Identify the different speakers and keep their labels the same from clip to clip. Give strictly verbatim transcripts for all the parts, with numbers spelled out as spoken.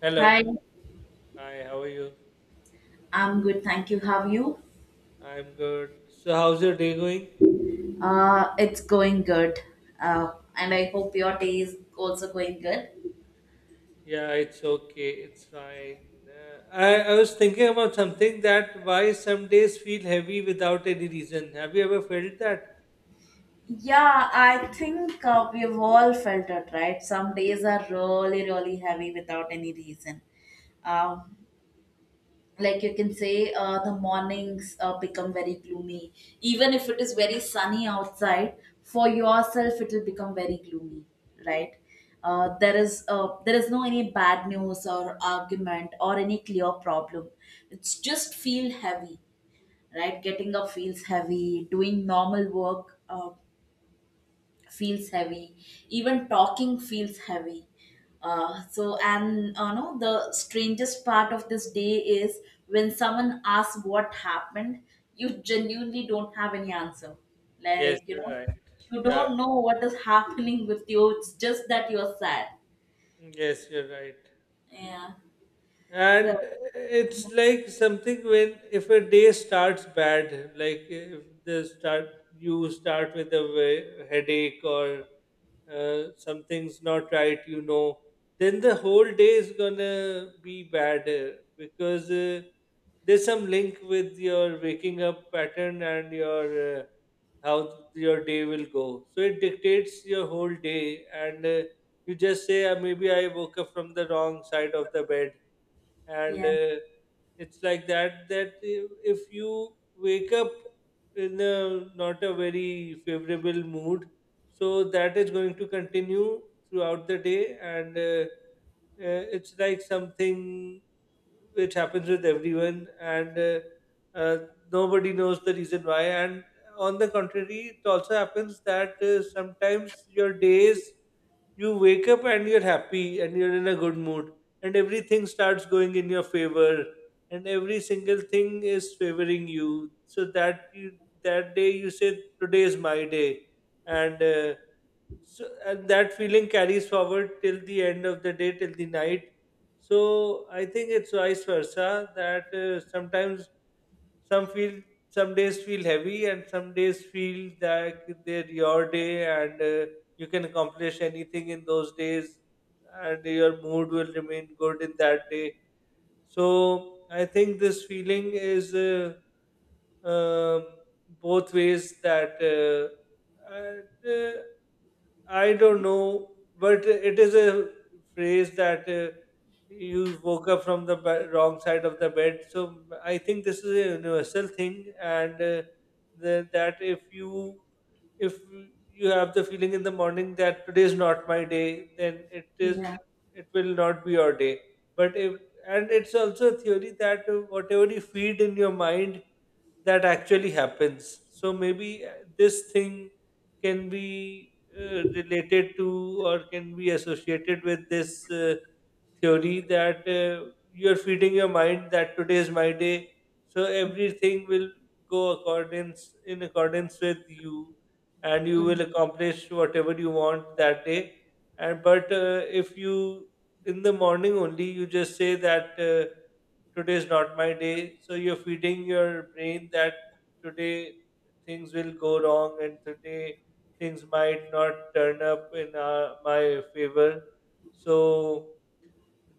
Speaker 1: Hello.
Speaker 2: Hi,
Speaker 1: Hi, how are you?
Speaker 2: I'm good. Thank you. How are you?
Speaker 1: I'm good. So, how's your day going?
Speaker 2: Uh, it's going good. Uh, and I hope your day is also going good.
Speaker 1: Yeah, it's okay. It's fine. Uh, I, I was thinking about something, that why some days feel heavy without any reason. Have you ever felt that?
Speaker 2: Yeah, I think uh, we've all felt it, right? Some days are really, really heavy without any reason. Um. Like you can say uh, the mornings uh, become very gloomy even if it is very sunny outside, for yourself it will become very gloomy, right. Uh, there is uh, there is no any bad news or argument or any clear problem, it's just feel heavy, right. Getting up feels heavy, doing normal work uh, feels heavy, even talking feels heavy. Uh, so and uh, No, the strangest part of this day is when someone asks what happened, you genuinely don't have any answer,
Speaker 1: Yes,
Speaker 2: like you
Speaker 1: you're
Speaker 2: know,
Speaker 1: right.
Speaker 2: you
Speaker 1: Yeah,
Speaker 2: don't know what is happening with you, it's just that you're sad,
Speaker 1: yes, you're right.
Speaker 2: yeah.
Speaker 1: And
Speaker 2: So
Speaker 1: it's like something, when if a day starts bad, like if the start you start with a wa- headache or uh, something's not right, you know, then the whole day is gonna be bad uh, because uh, there's some link with your waking up pattern and your uh, how your day will go. So it dictates your whole day, and uh, you just say, uh, maybe I woke up from the wrong side of the bed, and
Speaker 2: yeah,
Speaker 1: uh, it's like that, that if if you wake up in a not a very favorable mood, so that is going to continue throughout the day, and uh, uh, it's like something which happens with everyone, and uh, uh, nobody knows the reason why. And on the contrary, it also happens that uh, sometimes your days, you wake up and you're happy and you're in a good mood, and everything starts going in your favor, and every single thing is favoring you, so that you, that day you say, today is my day. And uh, so and that feeling carries forward till the end of the day, till the night. So I think it's vice versa, that uh, sometimes some feel some days feel heavy and some days feel that they're your day, and uh, you can accomplish anything in those days, and your mood will remain good in that day. So I think this feeling is uh, um both ways, that uh, and, uh, I don't know, but it is a phrase, that uh, you woke up from the ba- wrong side of the bed. So I think this is a universal thing, and uh, the, that if you if you have the feeling in the morning that today is not my day, then it is
Speaker 2: yeah,
Speaker 1: it will not be your day. But if and it's also a theory, that uh, whatever you feed in your mind, that actually happens. So maybe uh, this thing can be uh, related to or can be associated with this. Uh, theory that uh, you're feeding your mind that today is my day, so everything will go accordance in accordance with you, and you
Speaker 2: yeah,
Speaker 1: will accomplish whatever you want that day. And but uh, if you in the morning only you just say that uh, today is not my day, so you're feeding your brain that today things will go wrong, and today things might not turn up in uh, my favor. So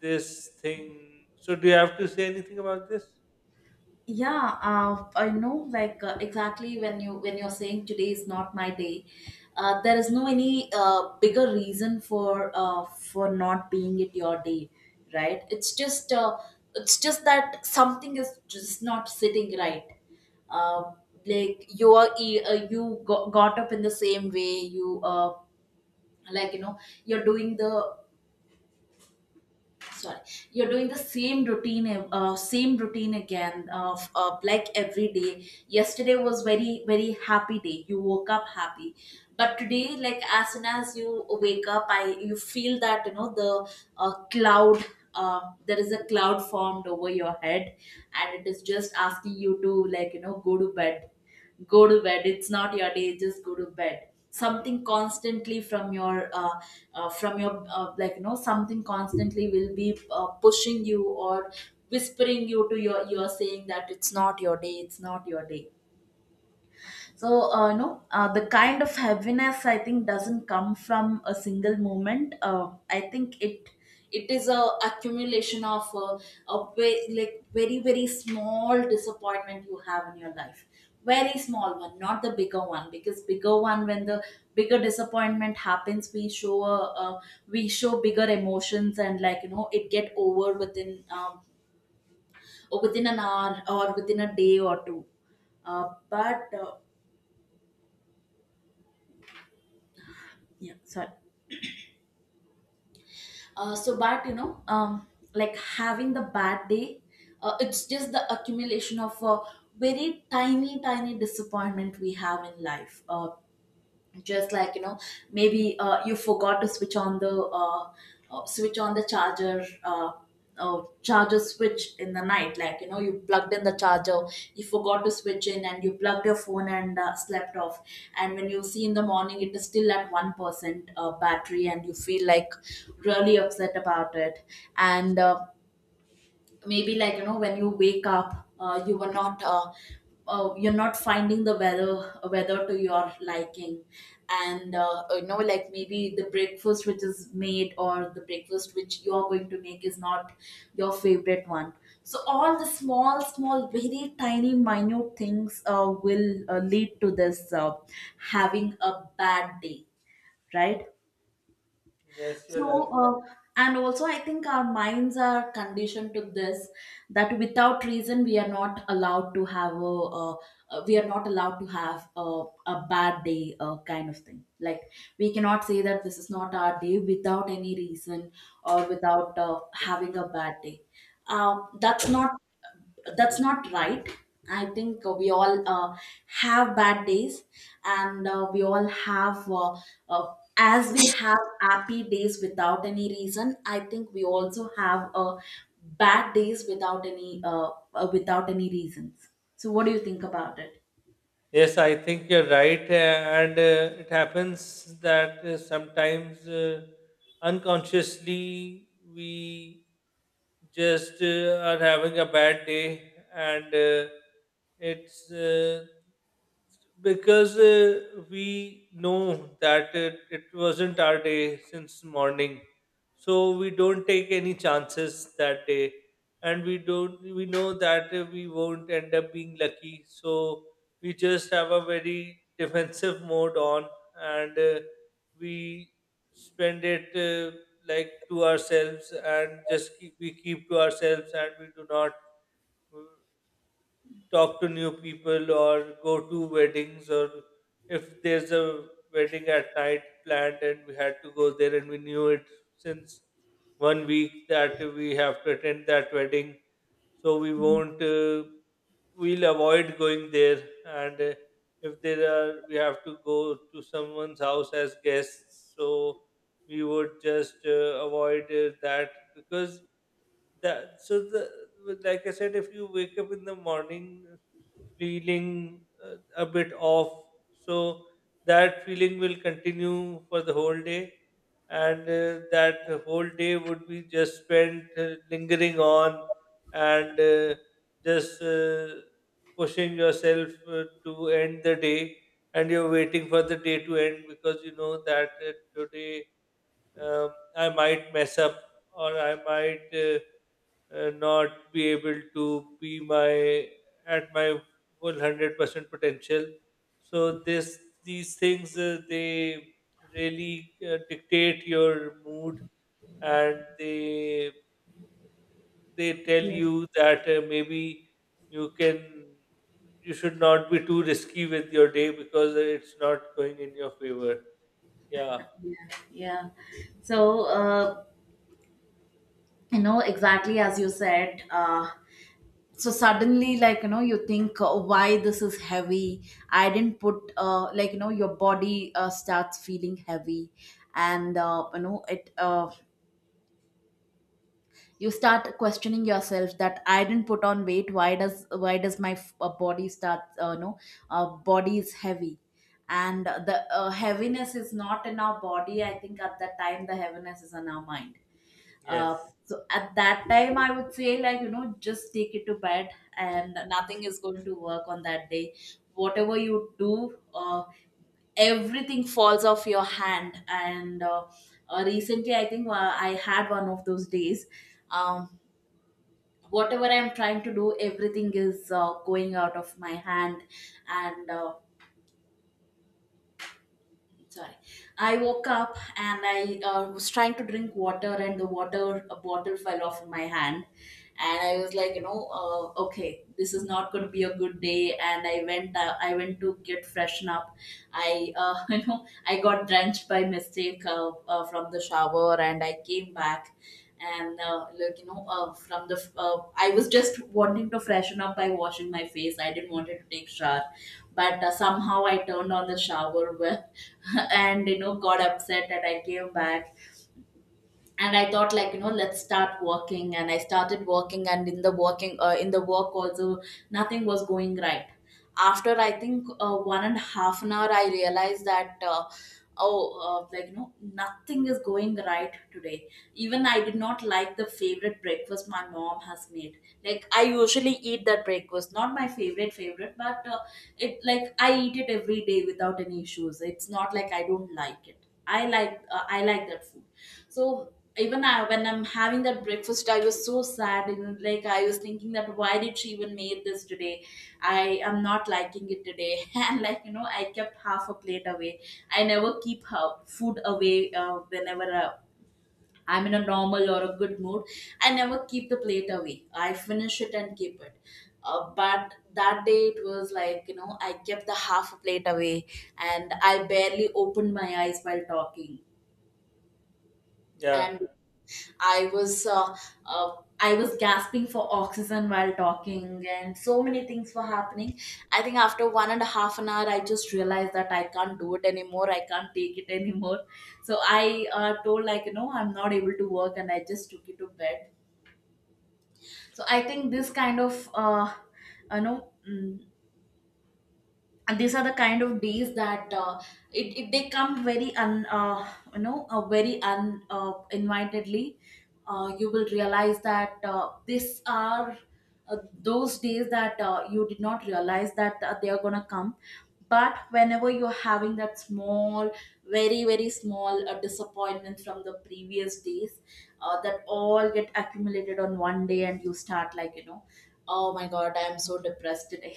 Speaker 1: this thing. So, do you have to say anything about this?
Speaker 2: yeah. uh, I know, like, uh, exactly, when you when you're saying today is not my day, uh, there is no any uh, bigger reason for uh, for not being it your day, right. It's just uh, it's just that something is just not sitting right. uh, like you are e- uh, you got, got up in the same way you uh, like you know, you're doing the, sorry, you're doing the same routine, uh, same routine again of, uh, like every day. Yesterday was very, very happy day, you woke up happy, but today, like as soon as you wake up, I you feel that, you know, the uh, cloud, uh, there is a cloud formed over your head, and it is just asking you to, like you know, go to bed, go to bed, it's not your day, just go to bed. Something constantly from your uh, uh, from your uh, like you know, something constantly will be uh, pushing you or whispering you to your, you're saying that it's not your day, it's not your day. So uh, you know, uh, the kind of heaviness, I think, doesn't come from a single moment. uh, I think it, it is a accumulation of uh, a ve- like very, very small disappointment you have in your life. Very small one, not the bigger one, because bigger one, when the bigger disappointment happens, we show a, uh, we show bigger emotions, and like you know, it get over within um, or within an hour or within a day or two. Uh, but uh, yeah sorry uh, so but you know, um, like having the bad day, uh, it's just the accumulation of a very tiny, tiny disappointment we have in life. Uh, just like you know, maybe uh, you forgot to switch on the uh, uh, switch on the charger, uh, uh, charger switch in the night. Like you know, you plugged in the charger, you forgot to switch in, and you plugged your phone and uh, slept off, and when you see in the morning, it is still at one percent uh, battery, and you feel like really upset about it. And uh, maybe, like you know, when you wake up uh, you were not uh, uh, you're not finding the weather weather to your liking. And uh, uh, you know, like maybe the breakfast which is made, or the breakfast which you're going to make, is not your favorite one. So all the small, small, very tiny, minute things uh, will uh, lead to this uh, having a bad day, right.
Speaker 1: Yes, you're right.
Speaker 2: So, uh, and also, I think our minds are conditioned to this, that without reason, we are not allowed to have a, uh, uh, we are not allowed to have a, a bad day, uh, kind of thing. Like, we cannot say that this is not our day without any reason or without uh, having a bad day. Um, that's not that's not right. I think uh, we all uh, have bad days, and uh, we all have uh, uh, as we have happy days without any reason, I think we also have uh, bad days without any uh, uh, without any reasons. So what do you think about it?
Speaker 1: Yes, I think you're right, uh, and uh, it happens that uh, sometimes uh, unconsciously we just uh, are having a bad day, and uh, it's uh, because uh, we know that it, it wasn't our day since morning, so we don't take any chances that day, and we don't we know that uh, we won't end up being lucky, so we just have a very defensive mode on, and uh, we spend it uh, like to ourselves and just keep, we keep to ourselves, and we do not talk to new people or go to weddings. Or if there's a wedding at night planned and we had to go there, and we knew it since one week that we have to attend that wedding, so we won't uh, we'll avoid going there. And uh, if there are we have to go to someone's house as guests, so we would just uh, avoid uh, that, because that so the like I said, if you wake up in the morning feeling uh, a bit off, so that feeling will continue for the whole day, and uh, that whole day would be just spent uh, lingering on, and uh, just uh, pushing yourself uh, to end the day. And you're waiting for the day to end, because you know that uh, today, um, I might mess up, or I might uh, uh, not be able to be my at my full hundred percent potential. So this these things, uh, they really uh, dictate your mood, and they they tell
Speaker 2: Yeah.
Speaker 1: you that uh, maybe you can you should not be too risky with your day, because it's not going in your favor. Yeah.
Speaker 2: Yeah, yeah. So uh, you know, exactly as you said, uh, so suddenly, like you know, you think uh, why this is heavy. I didn't put uh, like you know, your body uh, starts feeling heavy, and uh, you know it uh, you start questioning yourself that I didn't put on weight, why does why does my f- uh, body start uh, you know uh, body is heavy. And the uh, heaviness is not in our body, I think at that time the heaviness is in our mind. uh,
Speaker 1: Yes.
Speaker 2: so at that time, I would say, like, you know, just take it to bed, and nothing is going to work on that day. Whatever you do, uh, everything falls off your hand. And uh, uh, recently, I think uh, I had one of those days. Um, Whatever I'm trying to do, everything is uh, going out of my hand. And uh, sorry, I woke up and i uh, was trying to drink water, and the water a bottle fell off my hand, and I was like, you know, uh, okay, this is not going to be a good day. And i went uh, I went to get freshen up. I uh, you know, I got drenched by mistake uh, uh, from the shower, and I came back. And uh, like you know, uh, from the uh, I was just wanting to freshen up by washing my face, I didn't want to take shower, but uh, somehow I turned on the shower well and you know, got upset, and I came back, and I thought, like you know, let's start working. And I started working, and in the working, uh, in the work also, nothing was going right. After, I think uh, one and a half an hour, I realized that uh, oh uh, like you know, nothing is going right today. Even I did not like the favorite breakfast my mom has made. Like I usually eat that breakfast, not my favorite favorite, but uh, it, like I eat it every day without any issues. It's not like I don't like it, I like, uh, I like that food. So even I, when I'm having that breakfast, I was so sad, and like, I was thinking that why did she even made this today? I am not liking it today, and like you know, I kept half a plate away. I never keep her food away uh, whenever, Uh, I'm in a normal or a good mood. I never keep the plate away, I finish it and keep it. Uh, but that day it was like, you know, I kept the half a plate away, and I barely opened my eyes while talking,
Speaker 1: Yeah.
Speaker 2: and I was uh, uh, I was gasping for oxygen while talking, and so many things were happening. I think after one and a half an hour, I just realized that I can't do it anymore, I can't take it anymore. So I uh, told, like you know, I'm not able to work, and I just took it to bed. So I think this kind of uh, you know. mm, and these are the kind of days that uh, it, it, they come very un uh, you know, uh, very un uh, invitedly. Uh, you will realize that uh, these are uh, those days that uh, you did not realize that uh, they are gonna come. But whenever you're having that small, very, very small uh, disappointment from the previous days, uh, that all get accumulated on one day, and you start, like you know, oh my god, I am so depressed today.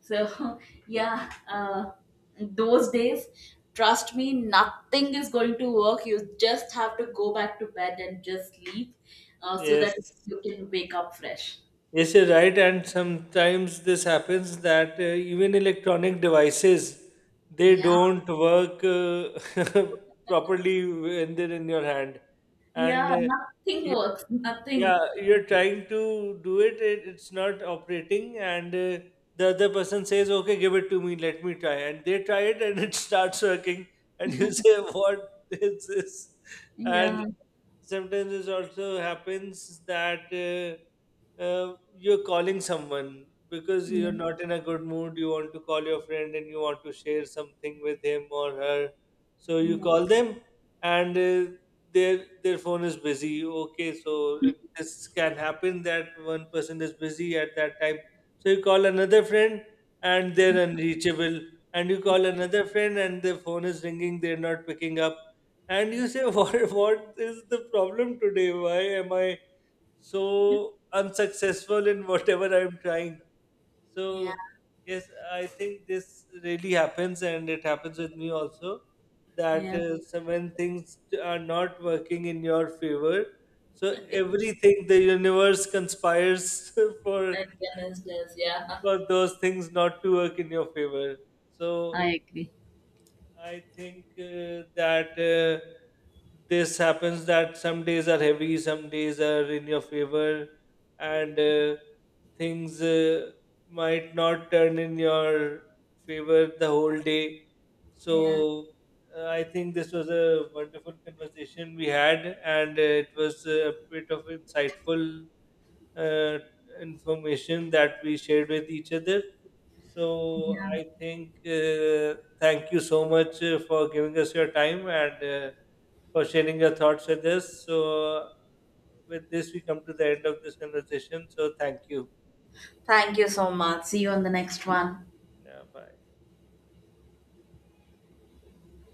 Speaker 2: So, yeah, uh, those days, trust me, nothing is going to work. You just have to go back to bed and just sleep uh, so
Speaker 1: Yes.
Speaker 2: that you can wake up fresh.
Speaker 1: Yes, you're right, and sometimes this happens that uh, even electronic devices, they
Speaker 2: Yeah.
Speaker 1: don't work uh, properly when they're in your hand, and
Speaker 2: Yeah,
Speaker 1: uh,
Speaker 2: nothing
Speaker 1: y-
Speaker 2: works.
Speaker 1: yeah,
Speaker 2: Nothing.
Speaker 1: you're trying to do it, it it's not operating, and uh, the other person says, "Okay, give it to me, let me try," and they try it, and it starts working, and you say, "What is this?" And
Speaker 2: Yeah.
Speaker 1: sometimes it also happens that uh, uh, you're calling someone because
Speaker 2: Yeah.
Speaker 1: you're not in a good mood, you want to call your friend and you want to share something with him or her, so you
Speaker 2: Yeah.
Speaker 1: call them. And uh, their their phone is busy. Okay, so it, this can happen that one person is busy at that time, so you call another friend, and they're unreachable. And you call another friend, and their phone is ringing, they're not picking up. And you say what what is the problem today, why am I so unsuccessful in whatever I'm trying?
Speaker 2: Yeah.
Speaker 1: So yes, I think this really happens, and it happens with me also, that
Speaker 2: Yeah.
Speaker 1: uh, so when things are not working in your favor, so
Speaker 2: It, it,
Speaker 1: everything, the universe conspires for
Speaker 2: it is, yeah.
Speaker 1: for those things not to work in your favor. So
Speaker 2: I agree.
Speaker 1: I think uh, that uh, this happens, that some days are heavy, some days are in your favor, and uh, things uh, might not turn in your favor the whole day.
Speaker 2: Yeah.
Speaker 1: So uh, I think this was a wonderful conversation we had, and uh, it was a bit of insightful uh, information that we shared with each other. So I think uh, thank you so much uh, for giving us your time, and uh, for sharing your thoughts with us. So with this, we come to the end of this conversation. So thank you.
Speaker 2: Thank you so much. See you on the next one.
Speaker 1: Yeah, bye.